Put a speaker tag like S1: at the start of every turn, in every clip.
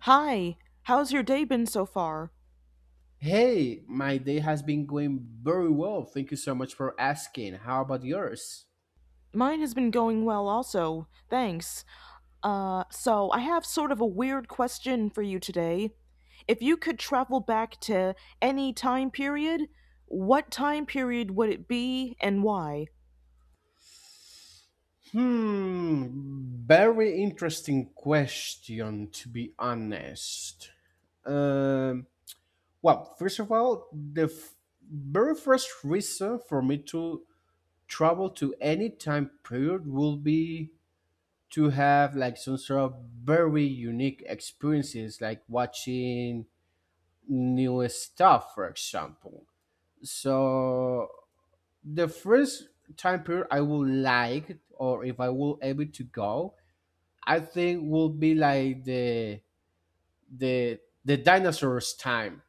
S1: Hi, how's your day been so far?
S2: Hey, my day has been going very well. Thank you so much for asking. How about yours?
S1: Mine has been going well also, thanks. So I have sort of a weird question for you today. If you could travel back to any time period, what time period would it be and why?
S2: Hmm, very interesting question to be honest. Um, well, first of all, very first reason for me to travel to any time period will be to have like some sort of very unique experiences, like watching new stuff, for example. So the first time period I would like, or if I will able to go, I think will be like the dinosaurs time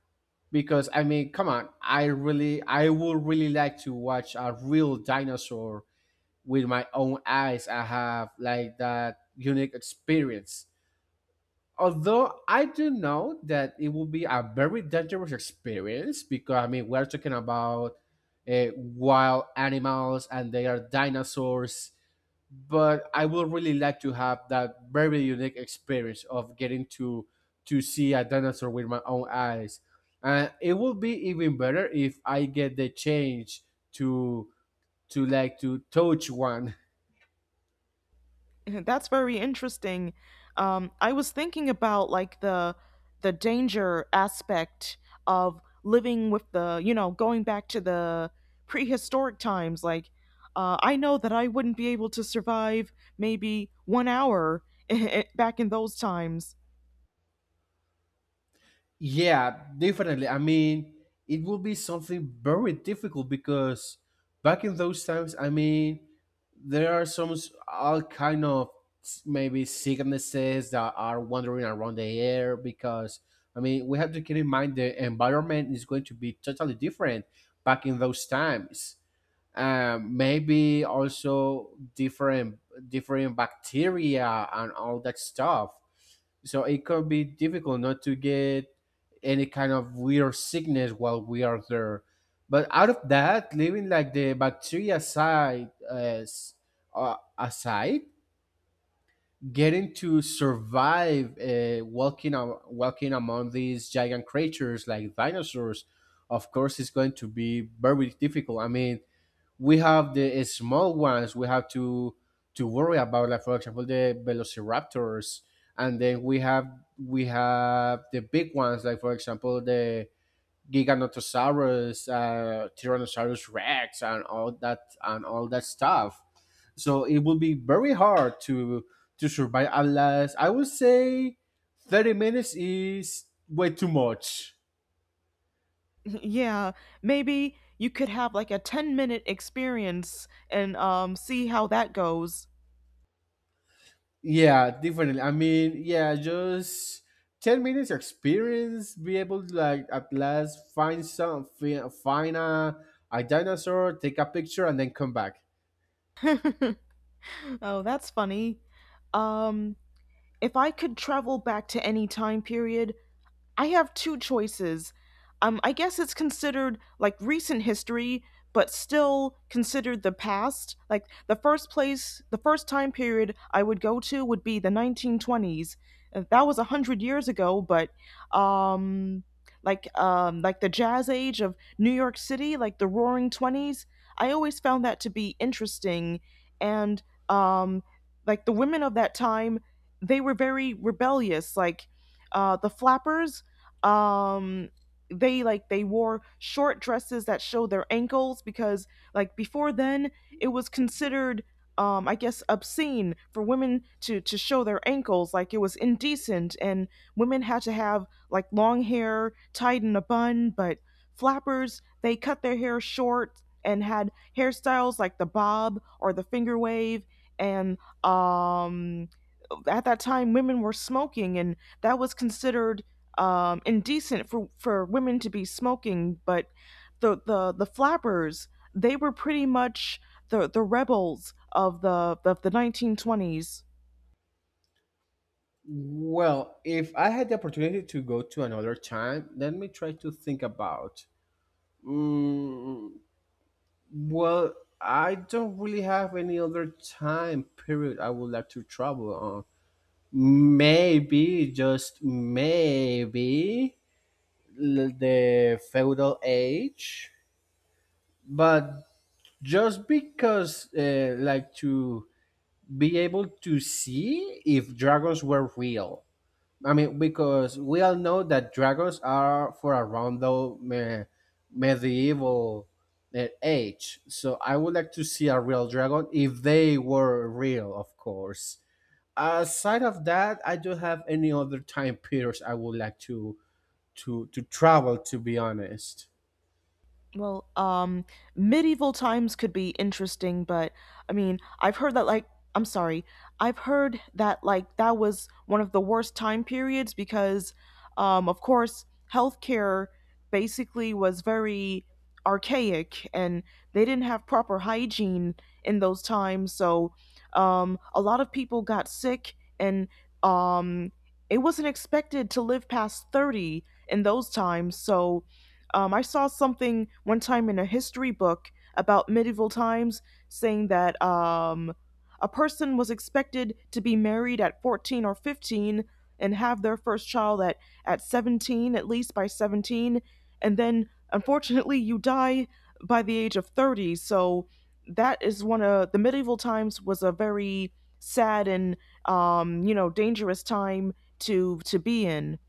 S2: because I mean, come on, I would really like to watch a real dinosaur with my own eyes. I have like that unique experience. Although I do know that it will be a very dangerous experience because I mean we're talking about wild animals and they are dinosaurs, but I would really like to have that very unique experience of getting to see a dinosaur with my own eyes, and it would be even better if I get the chance to to touch one.
S1: That's very interesting. I was thinking about like the danger aspect of living with the going back to the prehistoric times. Like, I know that I wouldn't be able to survive maybe 1 hour back in those times.
S2: Yeah, definitely. I mean, it will be something very difficult because back in those times, I mean, there are all kind of maybe sicknesses that are wandering around the air because I mean, we have to keep in mind the environment is going to be totally different back in those times. Maybe also different bacteria and all that stuff, so it could be difficult not to get any kind of weird sickness while we are there. But out of that, leaving like the bacteria side as aside, getting to survive walking among these giant creatures like dinosaurs of course is going to be very difficult. I mean, we have the small ones. We have to worry about, like for example, the velociraptors, and then we have the big ones, like for example, the giganotosaurus, tyrannosaurus rex, and all that stuff. So it will be very hard to survive. Unless, I would say, 30 minutes is way too much.
S1: Yeah, maybe you could have like a 10 minute experience and see how that goes.
S2: Yeah, definitely. I mean, yeah, just 10 minutes experience, be able to, like, at last find a dinosaur, take a picture, and then come back.
S1: Oh, that's funny. Um, if I could travel back to any time period, I have two choices. I guess it's considered like recent history, but still considered the past. Like the first place, the first time period I would go to would be the 1920s. That was 100 years ago, but um, like the Jazz Age of New York City, like the Roaring Twenties. I always found that to be interesting, and um, like the women of that time, they were very rebellious. Like the flappers, um they like they wore short dresses that showed their ankles, because like before then it was considered, I guess, obscene for women to show their ankles. Like it was indecent, and women had to have like long hair tied in a bun. But flappers, they cut their hair short and had hairstyles like the bob or the finger wave. And um at that time women were smoking, and that was considered indecent for women to be smoking. But the flappers, they were pretty much the rebels of the 1920s.
S2: Well, if I had the opportunity to go to another time, let me try to think about. Mm, well, I don't really have any other time period I would like to travel on. Maybe, just maybe. The feudal age. But just because, like, to be able to see if dragons were real. I mean, because we all know that dragons are for around medieval age. So I would like to see a real dragon, if they were real of course. Aside of that, I don't have any other time periods I would like to travel, to be honest.
S1: Well, medieval times could be interesting, but I mean, I've heard that like I'm sorry, I've heard that like that was one of the worst time periods because, of course, healthcare basically was very archaic, and they didn't have proper hygiene in those times. So a lot of people got sick, and um, it wasn't expected to live past 30 in those times. So I saw something one time in a history book about medieval times saying that a person was expected to be married at 14 or 15 and have their first child at 17, at least by 17. And then, unfortunately, you die by the age of 30. So that is one of the medieval times was a very sad and dangerous time to be in.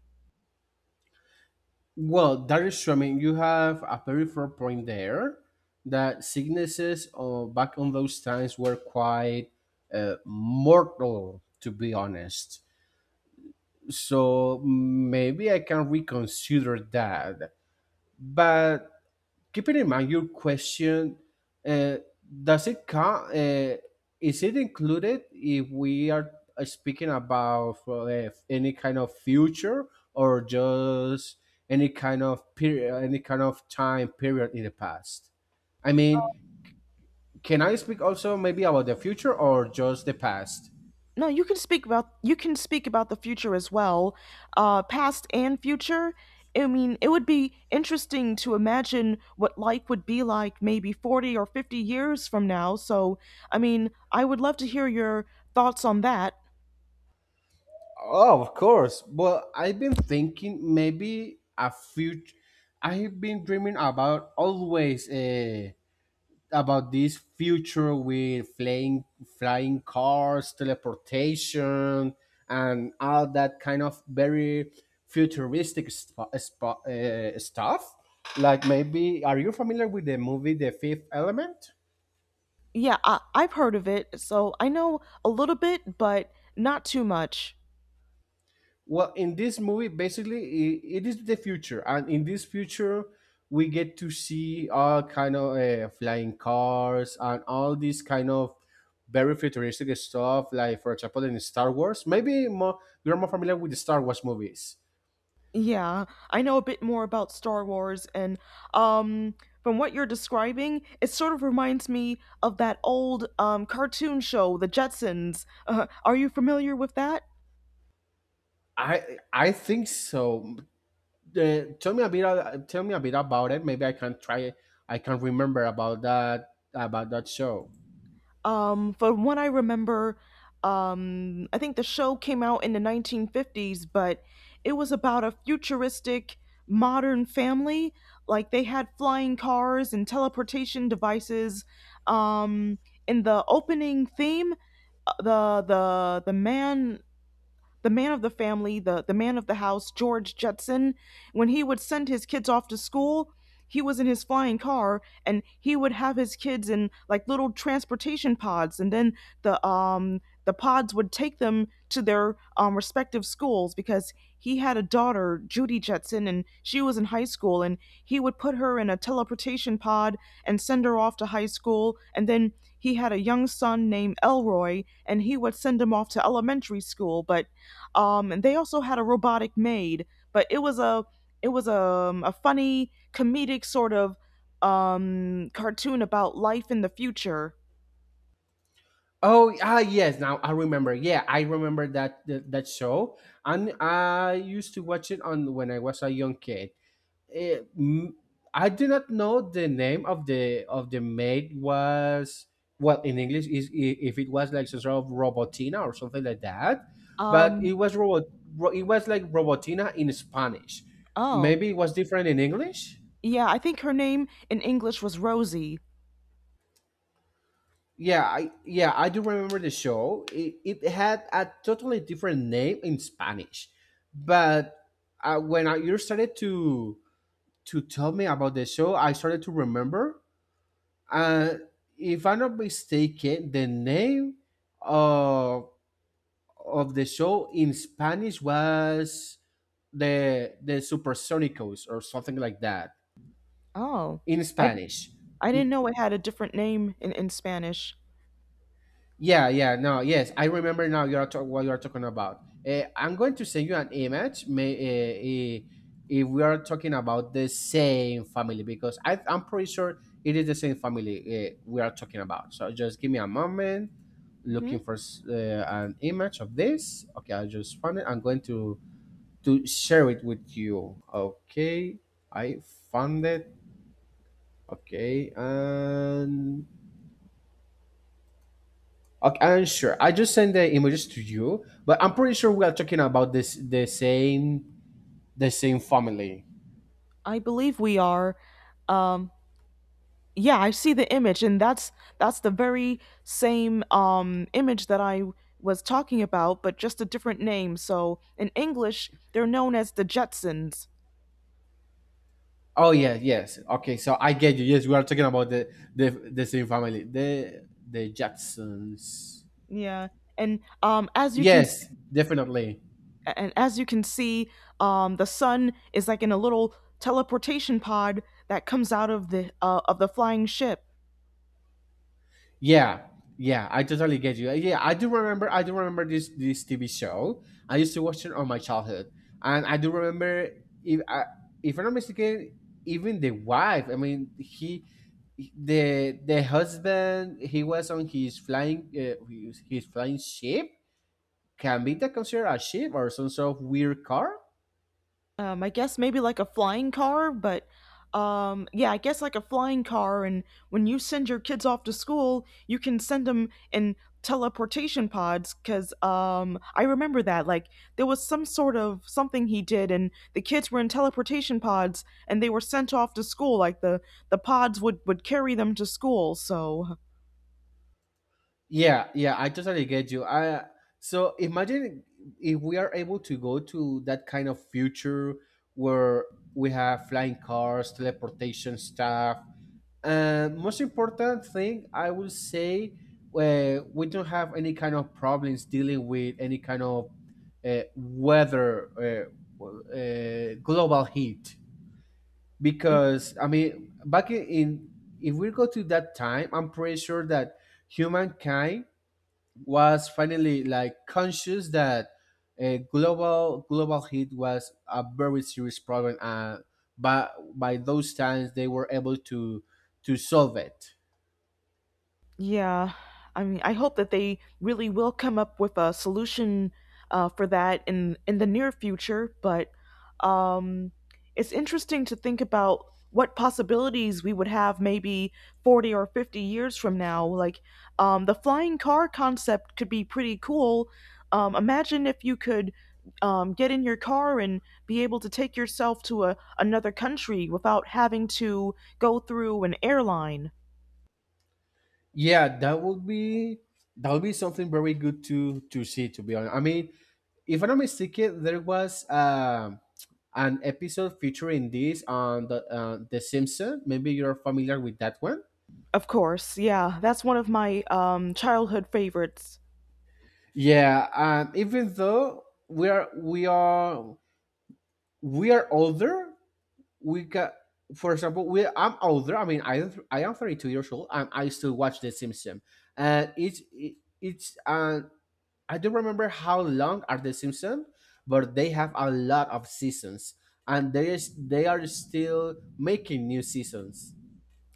S2: Well, that is true. I mean, you have a very fair point there, that sicknesses back on those times were quite mortal, to be honest. So maybe I can reconsider that. But keeping in mind your question, uh, does it come, is it included, if we are speaking about any kind of future, or just any kind of period, any kind of time period in the past? I mean, can I speak also maybe about the future, or just the past?
S1: No, you can speak about you can speak about the future as well, past and future. I mean, it would be interesting to imagine what life would be like maybe 40 or 50 years from now. So, I mean, I would love to hear your thoughts on that.
S2: Oh, of course. But I've been thinking maybe a future. I've been dreaming about always about this future with flying cars, teleportation, and all that kind of very futuristic stuff. Like maybe, are you familiar with the movie The Fifth Element?
S1: Yeah, I've heard of it, so I know a little bit, but not too much.
S2: Well, in this movie, basically, I it is the future, and in this future, we get to see all kind of flying cars and all these kind of very futuristic stuff. Like, for example, in Star Wars, maybe more you're more familiar with the Star Wars movies.
S1: Yeah, I know a bit more about Star Wars, and um, from what you're describing, it sort of reminds me of that old cartoon show, The Jetsons. Are you familiar with that?
S2: I think so. Tell me a bit. Tell me a bit about it. Maybe I can try. I can remember about that show.
S1: From what I remember, I think the show came out in the 1950s, but it was about a futuristic modern family. Like they had flying cars and teleportation devices. Um, in the opening theme, the man the man of the family, the man of the house, George Jetson, when he would send his kids off to school, he was in his flying car, and he would have his kids in like little transportation pods. And then the pods would take them to their respective schools, because he had a daughter, Judy Jetson, and she was in high school. And he would put her in a teleportation pod and send her off to high school. And then he had a young son named Elroy, and he would send him off to elementary school. But and they also had a robotic maid. But it was a funny comedic sort of cartoon about life in the future.
S2: Oh, ah, yes. Now I remember. Yeah, I remember that show, and I used to watch it on when I was a young kid. Eh, m I do not know the name of the maid was. Well, in English, if it was like some sort of Robotina or something like that, but
S1: Um,
S2: it was robot. It was like Robotina in Spanish.
S1: oh
S2: Maybe it was different in English.
S1: yeah, I think her name in English was Rosie.
S2: Yeah, I do remember the show. It had a totally different name in Spanish, but when you started to tell me about the show, I started to remember. Uh, if I'm not mistaken, the name of the show in Spanish was the Supersonicos or something like that
S1: Oh,
S2: in
S1: I
S2: Spanish.
S1: I didn't know it had a different name in Spanish.
S2: Yeah, yeah, no, yes, I remember now. What you're talking about. I'm going to send you an image. Uh, if we are talking about the same family, because I'm pretty sure it is the same family we are talking about. So just give me a moment. Looking
S1: Hmm.
S2: for an image of this. Okay, I just found it. I'm going to share it with you. Okay, I found it. Okay, and okay, I'm sure. I just sent the images to you, but I'm pretty sure we are talking about this the same family.
S1: I believe we are. Um, yeah, I see the image, and that's the very same image that I was talking about, but just a different name. So in English they're known as the Jetsons.
S2: Oh yeah, yes. Okay, so I get you. Yes, we are talking about the same family, the Jacksons.
S1: Yeah, and um as you can s-
S2: Yes, definitely.
S1: and as you can see, the sun is like in a little teleportation pod that comes out of the flying ship.
S2: Yeah, yeah, I totally get you. Yeah, I do remember. I do remember this TV show. I used to watch it on my childhood, and I do remember if I, if I'm not mistaken, even the wife. I mean, the husband, he was on his flying, his flying ship. Can be that considered a ship or some sort of weird car?
S1: I guess maybe like a flying car, but yeah, I guess like a flying car. And when you send your kids off to school, you can send them in teleportation pods. Cause I remember that like there was some sort of something he did, and the kids were in teleportation pods, and they were sent off to school. Like the pods would carry them to school. So,
S2: Yeah, yeah, I totally get you. I So imagine if we are able to go to that kind of future, where we have flying cars, teleportation stuff, and most important thing I will say, we don't have any kind of problems dealing with any kind of uh, weather, uh, global heat, because I mean, back in if we go to that time, I'm pretty sure that humankind was finally like conscious that a global heat was a very serious problem, and by those times they were able to solve it.
S1: yeah, I mean, I hope that they really will come up with a solution for that in the near future. But um, it's interesting to think about what possibilities we would have maybe 40 or 50 years from now. Like the flying car concept could be pretty cool. Imagine if you could get in your car and be able to take yourself to another country without having to go through an airline.
S2: Yeah, that would be, something very good to see, to be honest. I mean, if I'm not mistaken, there was an episode featuring this on the Simpsons. Maybe you're familiar with that one.
S1: Of course, yeah. That's one of my childhood favorites.
S2: Yeah, even though we are we are older, we got, for example, we I'm older. I mean, I am 32 years old, and I still watch the Simpsons, and it's, I don't remember how long are the Simpsons, but they have a lot of seasons, and there is they are still making new seasons.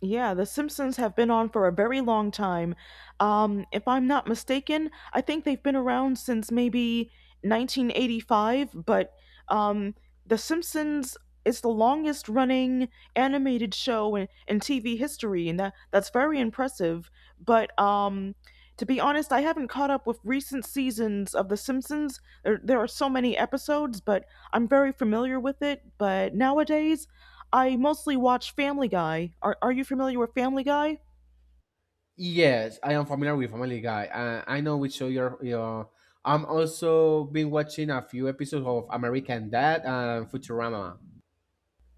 S1: Yeah, The Simpsons have been on for a very long time. If I'm not mistaken, I think they've been around since maybe 1985, but um, The Simpsons is the longest running animated show in TV history, and that's very impressive. But to be honest, I haven't caught up with recent seasons of The Simpsons. There are so many episodes, but I'm very familiar with it. But nowadays, I mostly watch Family Guy. Are you familiar with Family Guy?
S2: Yes, I am familiar with Family Guy, and I know which show you're. I'm also been watching a few episodes of American Dad and Futurama.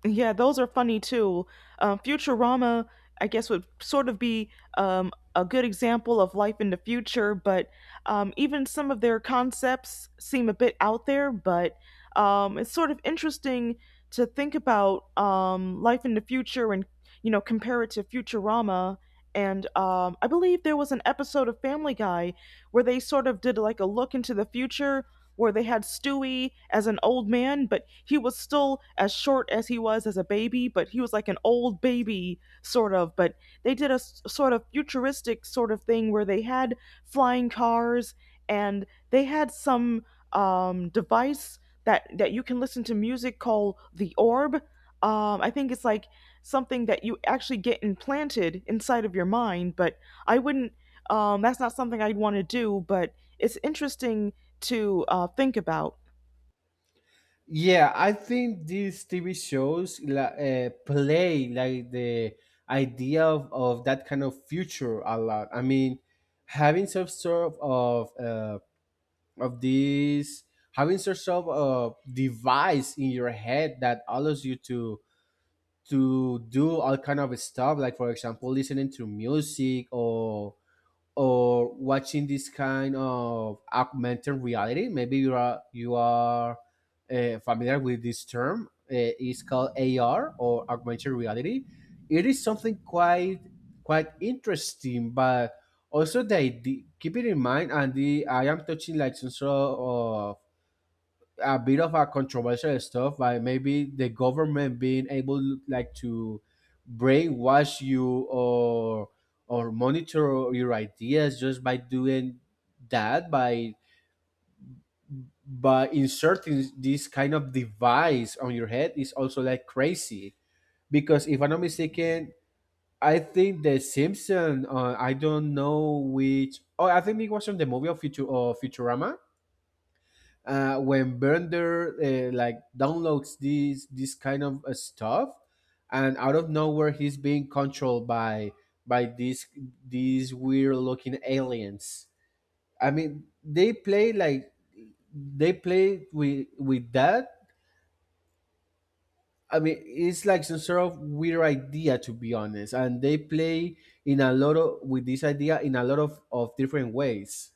S1: Yeah, those are funny too. Futurama, I guess, would sort of be a good example of life in the future, but even some of their concepts seem a bit out there, but it's sort of interesting to think about life in the future, and, you know, compare it to Futurama. And I believe there was an episode of Family Guy where they sort of did like a look into the future, where they had Stewie as an old man, but he was still as short as he was as a baby, but he was like an old baby sort of. But they did a sort of futuristic sort of thing where they had flying cars, and they had some device that you can listen to music called the orb. I think it's like something that you actually get implanted inside of your mind, but I wouldn't. That's not something I'd want to do, but it's interesting to think about.
S2: Yeah, I think these TV shows play like the idea of that kind of future a lot. I mean, having some sort of of this, having some sort of device in your head that allows you to do all kind of stuff, like for example, listening to music, or watching this kind of augmented reality. Maybe you are familiar with this term. It's called AR, or augmented reality. It is something quite interesting. But also the idea, keep it in mind, and the I am touching like some sort of a bit of a controversial stuff, by maybe the government being able like to brainwash you, or monitor your ideas, just by doing that, by inserting this kind of device on your head, is also like crazy. Because if I'm not mistaken, I think the simpson I don't know which oh I think it was from the movie of Futurama, when Bender, like, downloads these this kind of stuff, and out of nowhere he's being controlled by by these these weird looking aliens. I mean, they play with that. I mean, it's like some sort of weird idea, to be honest, and they play in a lot of with this idea in a lot of different ways.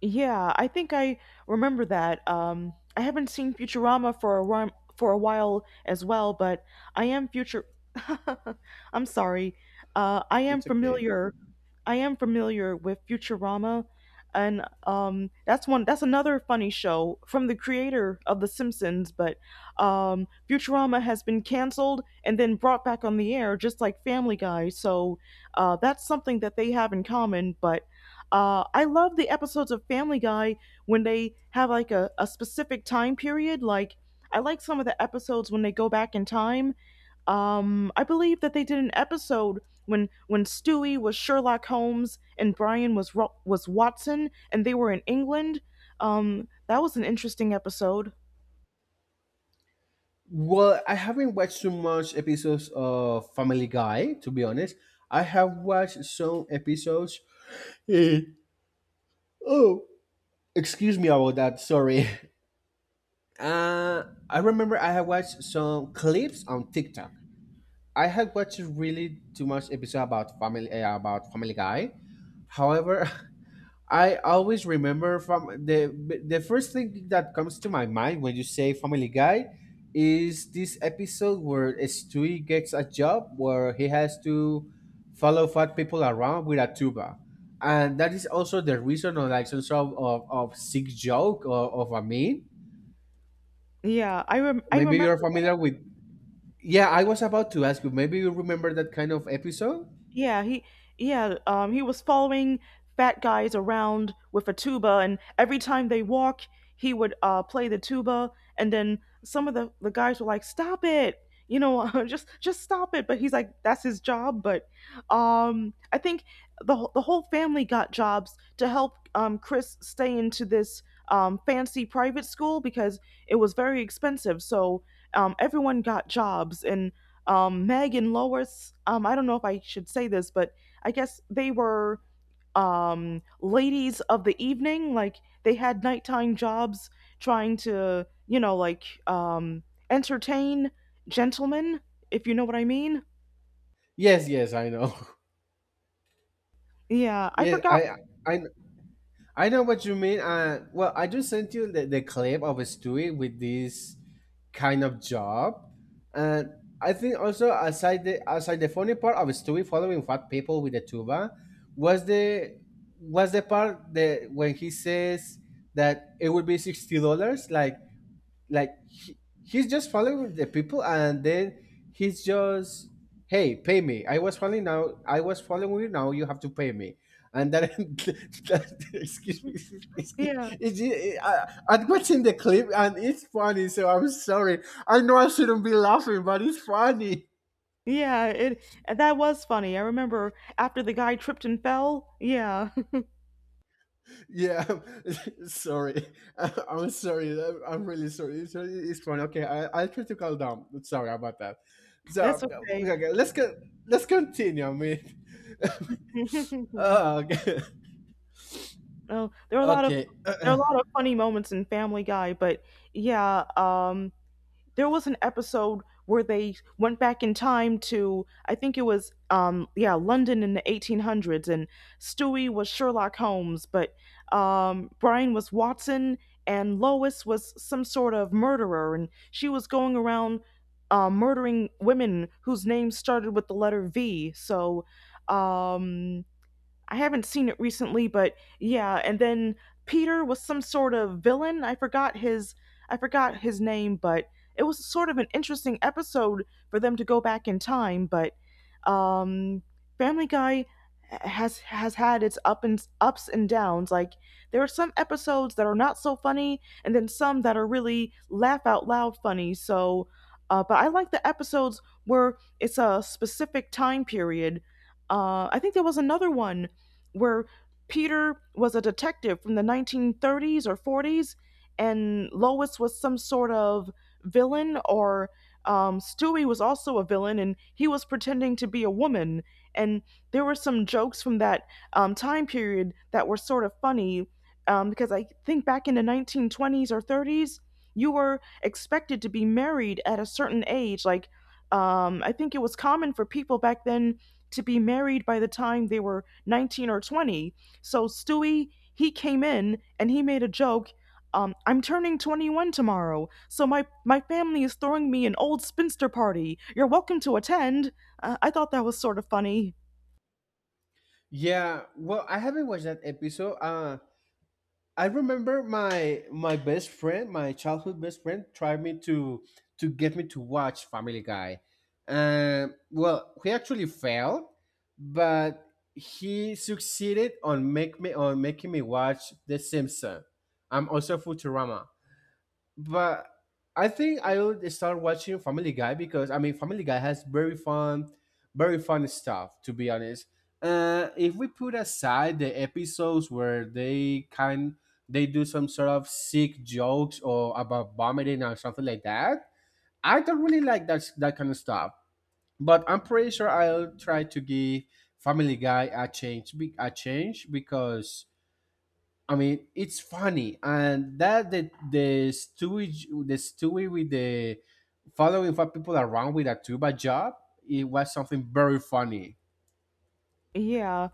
S1: Yeah, I think I remember that. I haven't seen Futurama for a while, as well, but I am future. I'm sorry. I am
S2: It's okay.
S1: familiar. I am familiar with Futurama, and that's one. That's another funny show from the creator of The Simpsons. But Futurama has been canceled and then brought back on the air, just like Family Guy. So that's something that they have in common. But I love the episodes of Family Guy when they have like a specific time period. Like, I like some of the episodes when they go back in time. I believe that they did an episode when Stewie was Sherlock Holmes and Brian was Watson, and they were in England. That was an interesting episode.
S2: Well, I haven't watched too much episodes of Family Guy, to be honest. I have watched some episodes. Eh, oh, Excuse me about that. Sorry. Uh, I remember I have watched some clips on TikTok. I had watched really too much episode about about Family Guy. However, I always remember from the first thing that comes to my mind when you say Family Guy is this episode where Stewie gets a job where he has to follow fat people around with a tuba, and that is also the reason of like some sort of sick joke or of a meme.
S1: Yeah, I
S2: Maybe you're
S1: remember.
S2: familiar with. Yeah, I was about to ask you. Maybe you remember that kind of episode.
S1: Yeah, he yeah, he was following fat guys around with a tuba, and every time they walk, he would play the tuba. And then some of the guys were like, "Stop it." You know, just stop it, but he's like that's his job. But I think the whole family got jobs to help Chris stay into this fancy private school, because it was very expensive. So, everyone got jobs, and Meg and Lois, I don't know if I should say this, but I guess they were ladies of the evening. Like they had nighttime jobs trying to, you know, like entertain gentlemen, if you know what I mean.
S2: Yes, yes, I know.
S1: Yeah, I
S2: Yes,
S1: forgot.
S2: I I know what you mean. Well, I just sent you the clip of a Stewie with this kind of job, and I think also aside the funny part of Stewie following fat people with the tuba was the part that when he says that it would be $60, like like he, he's just following the people, and then he's just, "Hey, pay me, I was following, now I was following you, now you have to pay me." And then that, excuse me excuse,
S1: Yeah,
S2: it's, it, I, I'm watching the clip and it's funny, so I'm sorry. I know I shouldn't be laughing, but it's funny.
S1: yeah, it that was funny. I remember after the guy tripped and fell. Yeah,
S2: Yeah, sorry. I'm sorry. I'm really sorry. It's fine. Okay, I'll try to calm down. Sorry about that.
S1: that's
S2: So
S1: okay.
S2: okay, let's continue. I mean, oh, okay.
S1: Oh, there are a lot of
S2: okay.
S1: there are a lot of funny moments in Family Guy, but yeah, um, there was an episode where they went back in time to, I think it was London in the 1800s, and Stewie was Sherlock Holmes, but Brian was Watson, and Lois was some sort of murderer, and she was going around murdering women whose names started with the letter V. So um I haven't seen it recently, but yeah. And then Peter was some sort of villain. I forgot his name, but it was sort of an interesting episode for them to go back in time. But um, Family Guy has had its up and ups and downs. Like, there are some episodes that are not so funny, and then some that are really laugh out loud funny. So, but I like the episodes where it's a specific time period. I think there was another one where Peter was a detective from the 1930s or 40s, and Lois was some sort of villain, or Stewie was also a villain, and he was pretending to be a woman. And there were some jokes from that time period that were sort of funny because I think back in the 1920s or 30s, you were expected to be married at a certain age. Like, I think it was common for people back then to be married by the time they were 19 or 20. So Stewie, he came in and he made a joke. I'm turning 21 tomorrow, so my family is throwing me an old spinster party. You're welcome to attend. I thought that was sort of funny.
S2: Yeah. Well, I haven't watched that episode. I remember my best friend, my childhood best friend, tried me to get me to watch Family Guy. Well, he actually failed, but he succeeded on make me on making me watch The Simpsons. I'm also Futurama, but I think I would start watching Family Guy, because I mean Family Guy has very fun stuff. To be honest, if we put aside the episodes where they do some sort of sick jokes, or about vomiting or something like that, I don't really like that kind of stuff. But I'm pretty sure I'll try to give Family Guy a change, because I mean, it's funny, and that the stewie with the following five people around with a tuba job, it was something very funny.
S1: Yeah.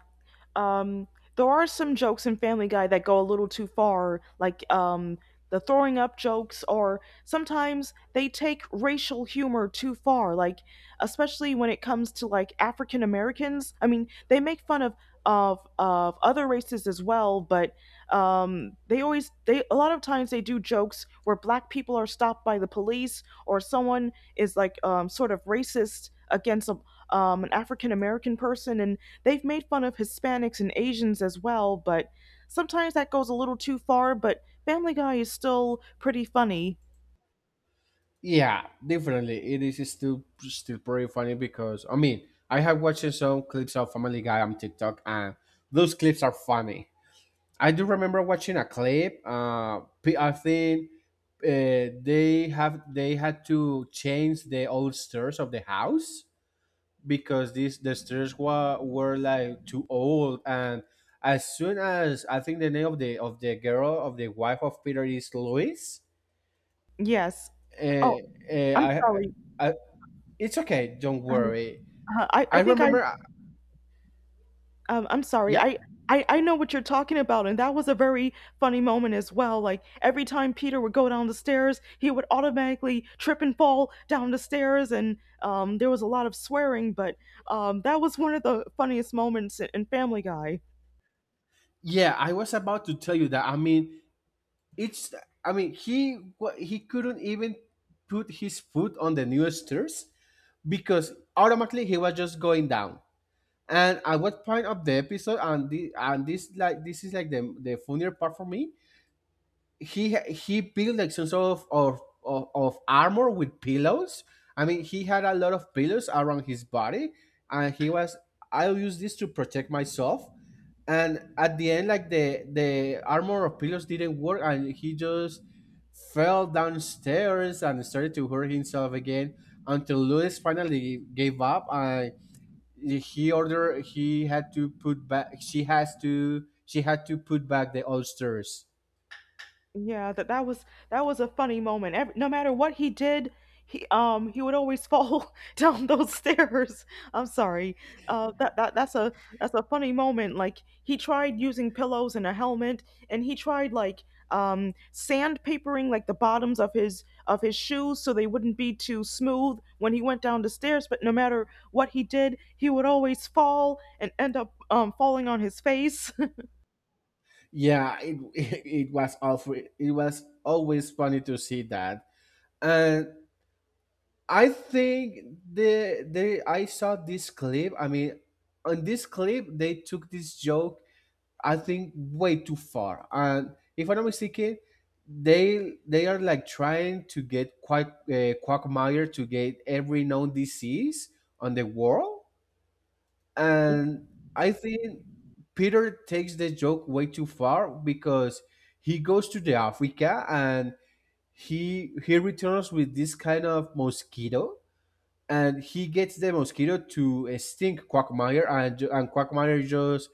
S1: Um, there are some jokes in Family Guy that go a little too far, like the throwing up jokes, or sometimes they take racial humor too far, like especially when it comes to like African Americans. I mean, they make fun of of other races as well, but they always they a lot of times they do jokes where black people are stopped by the police, or someone is like sort of racist against a, an African American person, and they've made fun of Hispanics and Asians as well, but sometimes that goes a little too far, but Family Guy is still pretty funny.
S2: Yeah, definitely, it is still pretty funny, because I mean, I have watched some clips of Family Guy on TikTok, and those clips are funny. I do remember watching a clip. I think they had to change the old stairs of the house, because the stairs were like too old, and as soon as, I think the name of the girl, of the wife of Peter, is Louise,
S1: Yes.
S2: uh,
S1: Oh,
S2: uh,
S1: I'm
S2: I,
S1: sorry.
S2: I it's okay, don't
S1: Um,
S2: worry.
S1: I
S2: I
S1: think
S2: remember,
S1: I'm sorry.
S2: yeah,
S1: I know what you're talking about, and that was a very funny moment as well. Like, every time Peter would go down the stairs, he would automatically trip and fall down the stairs, and there was a lot of swearing, but that was one of the funniest moments in Family Guy.
S2: yeah. I was about to tell you that. I mean, it's I mean he wa- he couldn't even put his foot on the new stairs, because automatically he was just going down. And at what point of the episode, and this like this is like the funnier part for me. He built like some sort of armor with pillows. I mean, he had a lot of pillows around his body, and he was, "I'll use this to protect myself." And at the end, like the armor of pillows didn't work, and he just fell downstairs and started to hurt himself again until Lewis finally gave up. And he had to put back, she had to put back the oldsters.
S1: Yeah, that was a funny moment. Every, no matter what he did, he would always fall down those stairs. I'm sorry. That's a funny moment. Like, he tried using pillows and a helmet, and he tried like sandpapering like the bottoms of his shoes so they wouldn't be too smooth when he went down the stairs, but no matter what he did, he would always fall and end up falling on his face.
S2: Yeah, was awful. It was always funny to see that, and I think the I saw this clip, I mean, on this clip they took this joke, I think, way too far, and if I'm not mistaken, they are like trying to get Quackmire to get every known disease on the world, and I think Peter takes the joke way too far, because he goes to the Africa, and he returns with this kind of mosquito, and he gets the mosquito to sting Quagmire, and Quagmire just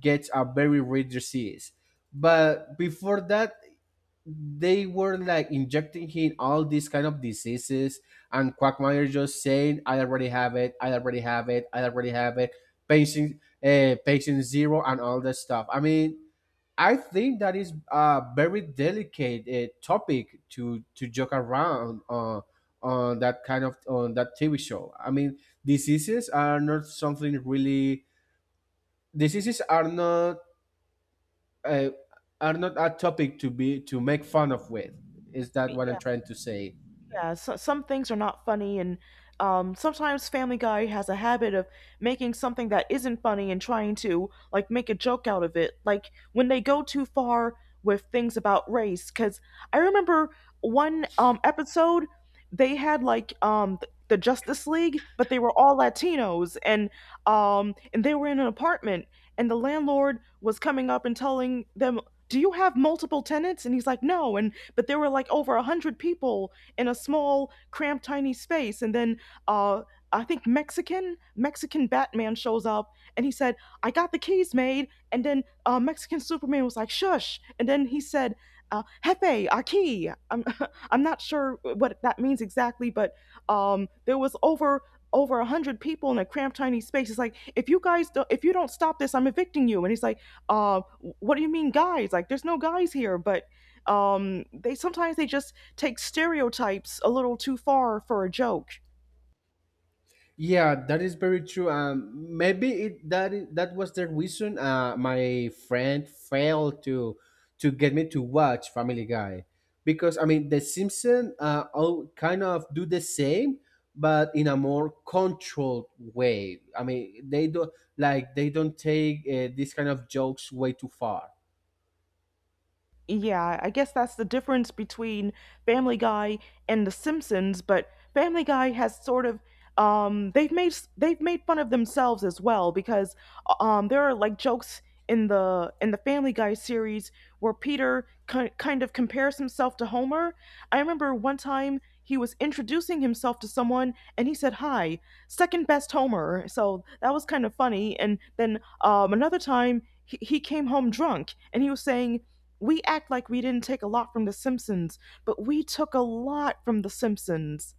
S2: gets a very rare disease. But before that, they were like injecting him all these kind of diseases, and Quagmire just saying, "I already have it, I already have it, I already have it." patient Patient zero and all that stuff. I mean, I think that is a very delicate topic to joke around, on that TV show. I mean, diseases are not something really. Diseases are not, uh, are not a topic to make fun of with. Is that what
S1: Yeah.
S2: I'm trying to say?
S1: Yeah, so some things are not funny, and sometimes Family Guy has a habit of making something that isn't funny and trying to like make a joke out of it. Like when they go too far with things about race, because I remember one episode they had like the Justice League, but they were all Latinos, and and they were in an apartment, and the landlord was coming up and telling them, "Do you have multiple tenants?" And he's like, "No." And but there were like over a hundred people in a small, cramped, tiny space. And then uh, I think Mexican Batman shows up, and he said, "I got the keys made." And then Mexican Superman was like, "Shush!" And then he said, "Jefe, aquí." I'm I'm not sure what that means exactly, but there was over a hundred people in a cramped tiny space. It's like, "If you guys do if you don't stop this, I'm evicting you." And he's like, uh, "What do you mean, guys? Like, there's no guys here." But they sometimes they just takes stereotypes a little too far for a joke.
S2: Yeah, that is very true. Maybe that was the reason my friend failed to get me to watch Family Guy, because I mean, The Simpsons, all kind of do the same, but in a more controlled way. I mean, they don't take, this kind of jokes way too far.
S1: Yeah, I guess that's the difference between Family Guy and The Simpsons, but Family Guy has sort of they've made fun of themselves as well, because there are like jokes in the Family Guy series where Peter kind of compares himself to Homer. I remember one time he was introducing himself to someone and he said, "Hi, second best Homer." So that was kind of funny. And then another time he came home drunk and he was saying we act like we didn't take a lot from The Simpsons, but we took a lot from The Simpsons.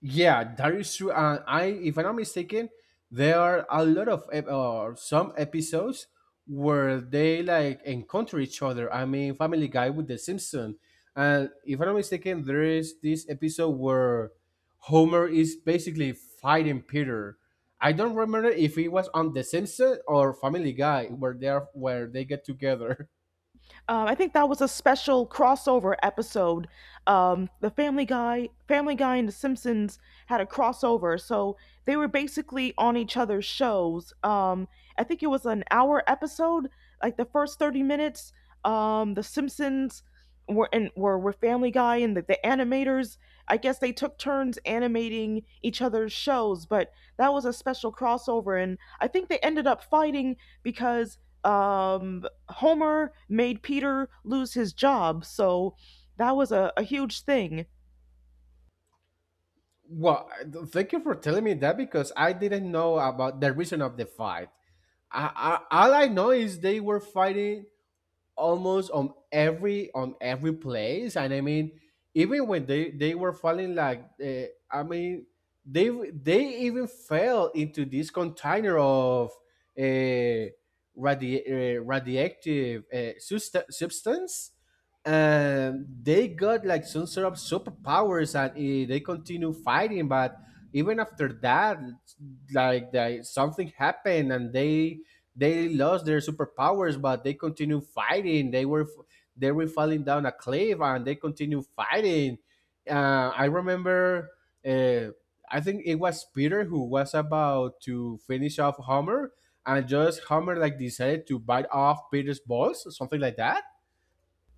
S2: Yeah, that is true. And if I'm not mistaken, there are a lot of ep- or some episodes where they like encounter each other. I mean, Family Guy with The Simpson, and if I'm not mistaken, there is this episode where Homer is basically fighting Peter. I don't remember if it was on The Simpson or Family Guy where they get together.
S1: I think that was a special crossover episode. The Family Guy and The Simpsons had a crossover, so they were basically on each other's shows. I think it was an hour episode. Like the first 30 minutes, The Simpsons were Family Guy, and the animators. I guess they took turns animating each other's shows, but that was a special crossover, and I think they ended up fighting because um Homer made Peter lose his job. So that was a huge thing.
S2: Well, thank you for telling me that, because I didn't know about the reason of the fight. I, all I know is they were fighting almost on every place, and I mean, even when they were falling, like, I mean, they even fell into this container of, uh, radioactive, substance, and they got like some sort of superpowers, and they continue fighting, but. Even after that, like something happened, and they lost their superpowers, but they continue fighting. They were falling down a cliff, and they continue fighting. I remember, uh, I think it was Peter who was about to finish off Homer, and just Homer like decided to bite off Peter's balls, or something like that.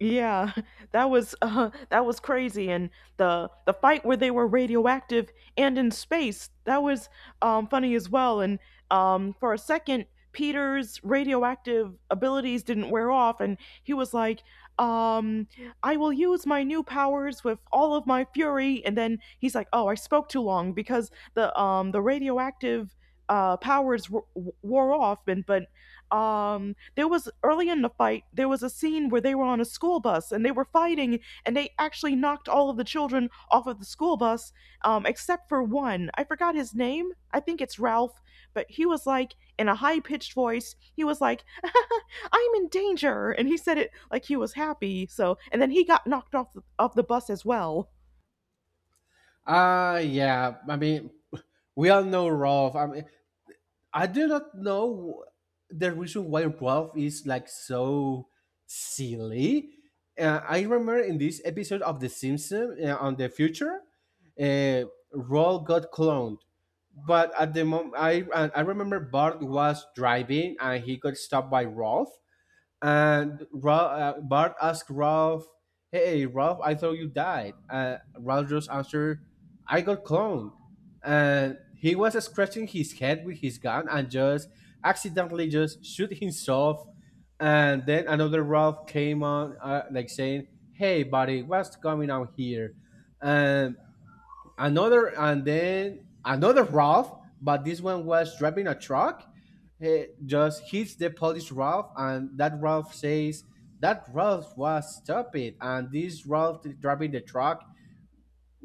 S1: Yeah, that was crazy, and the fight where they were radioactive and in space, that was funny as well. And for a second, Peter's radioactive abilities didn't wear off, and he was like, um, "I will use my new powers with all of my fury." And then he's like, "Oh, I spoke too long because the radioactive." Powers wore off, and but there was early in the fight, there was a scene where they were on a school bus and they were fighting, and they actually knocked all of the children off of the school bus, except for one. I forgot his name, I think it's Ralph. But he was like in a high pitched voice, he was like, "I'm in danger," and he said it like he was happy. So, and then he got knocked off off the bus as well.
S2: Yeah, I mean, we all know Rolf. I mean, I do not know the reason why Ralph is like so silly. I remember in this episode of The Simpsons, on the future, uh, Ralph got cloned. But at the moment, I remember Bart was driving and he got stopped by Ralph, and Bart asked Ralph, "Hey, Ralph, I thought you died." Ralph just answered, "I got cloned." And he was scratching his head with his gun and just accidentally just shoot himself. And then another Ralph came on, like saying, "Hey, buddy, what's going on here?" And another, and then another Ralph, but this one was driving a truck. He just hits the Polish Ralph, and that Ralph says that Ralph was stupid, and this Ralph driving the truck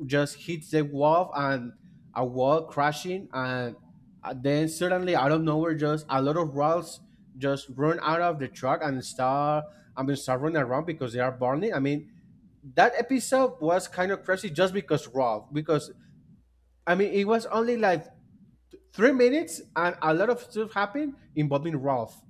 S2: just hits the wall, and a wall crashing, and then suddenly out of nowhere, just a lot of Ralphs just run out of the truck and start. I mean, start running around, because they are burning. I mean, that episode was kind of crazy, just because Ralph, because I mean, it was only like 3 minutes, and a lot of stuff happened involving Ralph.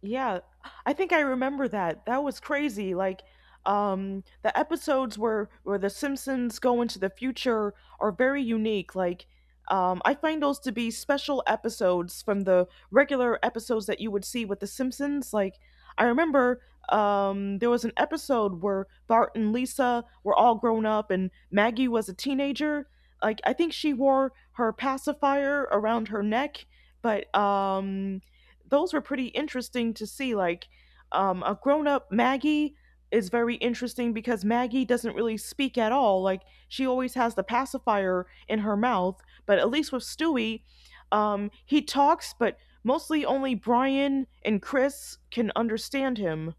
S1: Yeah, I think I remember that. That was crazy. Like, the episodes where the Simpsons go into the future are very unique. Like, I find those to be special episodes from the regular episodes that you would see with the Simpsons. Like, I remember there was an episode where Bart and Lisa were all grown up and Maggie was a teenager. Like, I think she wore her pacifier around her neck, but those were pretty interesting to see. Like, a grown up Maggie is very interesting, because Maggie doesn't really speak at all. Like, she always has the pacifier in her mouth. But at least with Stewie, he talks, but mostly only Brian and Chris can understand him.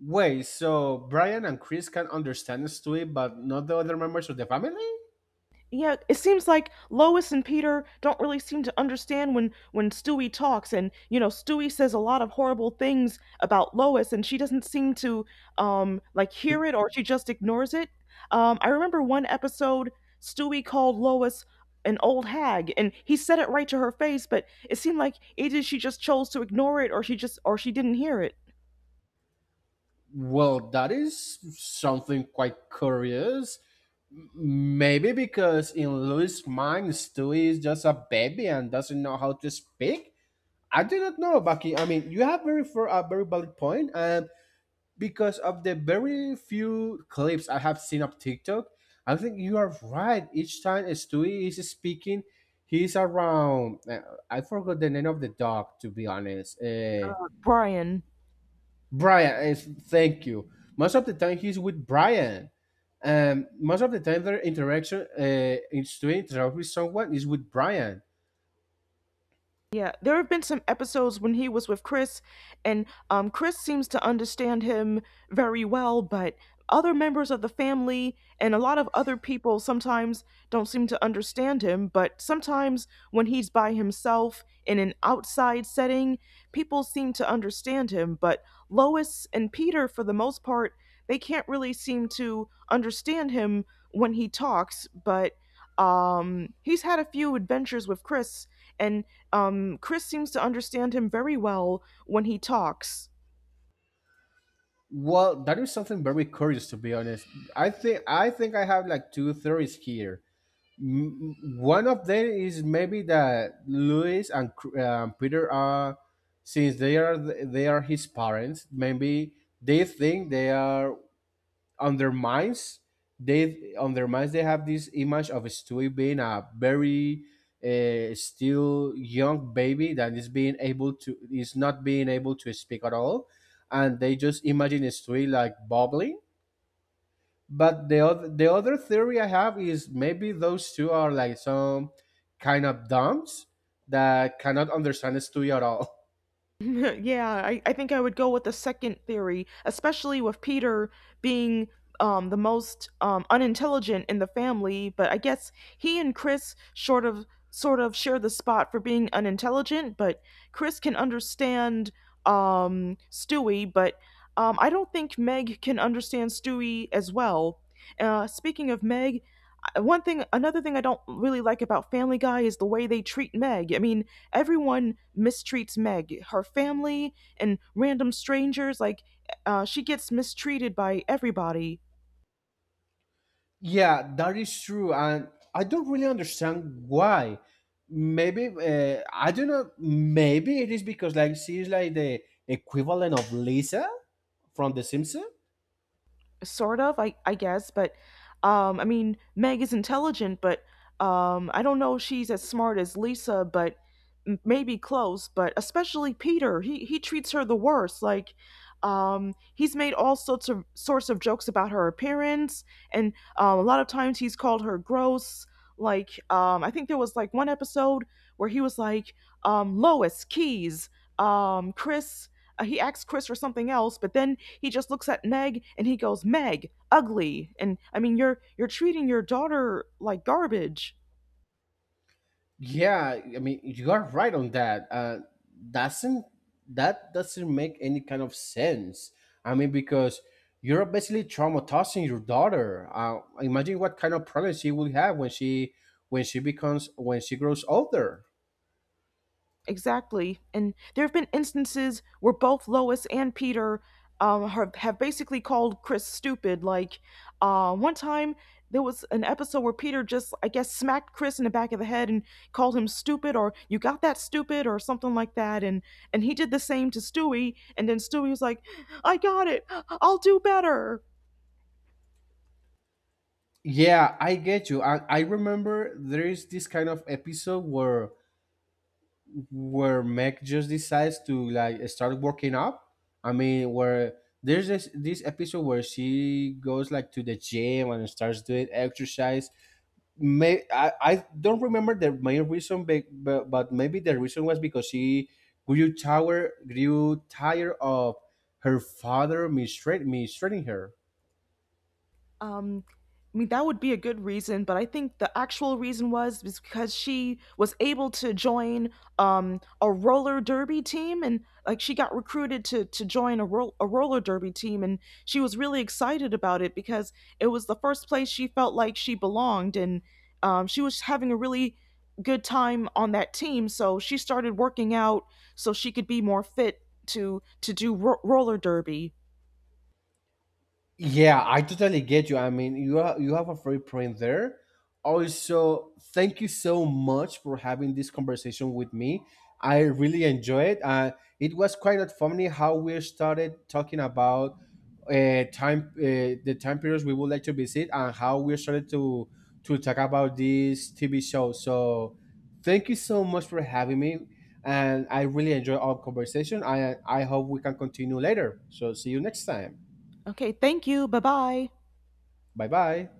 S2: Wait, so Brian and Chris can understand Stewie, but not the other members of the family?
S1: Yeah, it seems like Lois and Peter don't really seem to understand when Stewie talks, and you know Stewie says a lot of horrible things about Lois and she doesn't seem to like hear it, or she just ignores it. I remember one episode Stewie called Lois an old hag and he said it right to her face, but it seemed like either she just chose to ignore it, or she didn't hear it.
S2: Well, that is something quite curious. Maybe because in Louis' mind, Stewie is just a baby and doesn't know how to speak. I do not know, Bucky. I mean, you have very for a very valid point. Because of the very few clips I have seen of TikTok, I think you are right. Each time Stewie is speaking, he's around. I forgot the name of the dog, to be honest.
S1: Brian.
S2: Brian, is thank you. Most of the time, he's with Brian. Most of the time, their interaction, in Stewie interact with someone, is with Brian.
S1: Yeah, there have been some episodes when he was with Chris, and Chris seems to understand him very well, but other members of the family and a lot of other people sometimes don't seem to understand him. But sometimes when he's by himself in an outside setting, people seem to understand him. But Lois and Peter, for the most part, they can't really seem to understand him when he talks, but he's had a few adventures with Chris, and Chris seems to understand him very well when he talks.
S2: Well, that is something very curious, to be honest. I think I have like two theories here. M- One of them is maybe that Louis and, Peter are, since they are his parents, maybe they think they are on their minds. They have this image of Stewie being a very, still young baby that is being able to is not being able to speak at all, and they just imagine Stewie like bubbling. But the other theory I have is maybe those two are like some kind of dumps that cannot understand the studio at all.
S1: Yeah, I think I would go with the second theory, especially with Peter being the most unintelligent in the family. But I guess he and Chris sort of share the spot for being unintelligent. But Chris can understand Stewie, but I don't think Meg can understand Stewie as well. Speaking of Meg, one thing, another thing I don't really like about Family Guy is the way they treat Meg. I mean, everyone mistreats Meg, her family and random strangers. Like, she gets mistreated by everybody.
S2: Yeah, that is true, and I don't really understand why. Maybe, I don't know. Maybe it is because like she is like the equivalent of Lisa from The Simpsons.
S1: Sort of, I guess, but I mean, Meg is intelligent, but I don't know if she's as smart as Lisa, but maybe close. But especially Peter, he treats her the worst. Like, he's made all sorts of jokes about her appearance, and a lot of times he's called her gross. Like, I think there was like one episode where he was like, lois keys chris he asks Chris for something else, but then he just looks at Meg and he goes, "Meg, ugly." And I mean, you're treating your daughter like garbage.
S2: Yeah, I mean, you are right on that. Doesn't That doesn't make any kind of sense? I mean, because you're basically traumatizing your daughter. Imagine what kind of problems she will have when she becomes when she grows older.
S1: Exactly. And there have been instances where both Lois and Peter have basically called Chris stupid. Like, one time there was an episode where Peter just, I guess, smacked Chris in the back of the head and called him stupid, or "You got that stupid," or something like that. And he did the same to Stewie. And then Stewie was like, "I got it. I'll do better."
S2: Yeah, I get you. I remember there is this kind of episode where Meg just decides to like start working up. I mean, where there's this episode where she goes like to the gym and starts doing exercise. May I don't remember the main reason, but maybe the reason was because she grew tired of her father, mistreating her.
S1: Um, I mean, that would be a good reason, but I think the actual reason was because she was able to join a roller derby team, and like she got recruited to join a, a roller derby team, and she was really excited about it because it was the first place she felt like she belonged, and she was having a really good time on that team. So she started working out so she could be more fit to roller derby.
S2: Yeah, I totally get you. I mean, you have a free print there. Also, thank you so much for having this conversation with me. I really enjoy it. It was quite not funny how we started talking about, the time periods we would like to visit, and how we started to talk about this TV show. So, thank you so much for having me, and I really enjoy our conversation. I hope we can continue later. So, see you next time.
S1: Okay, thank you. Bye bye.
S2: Bye bye.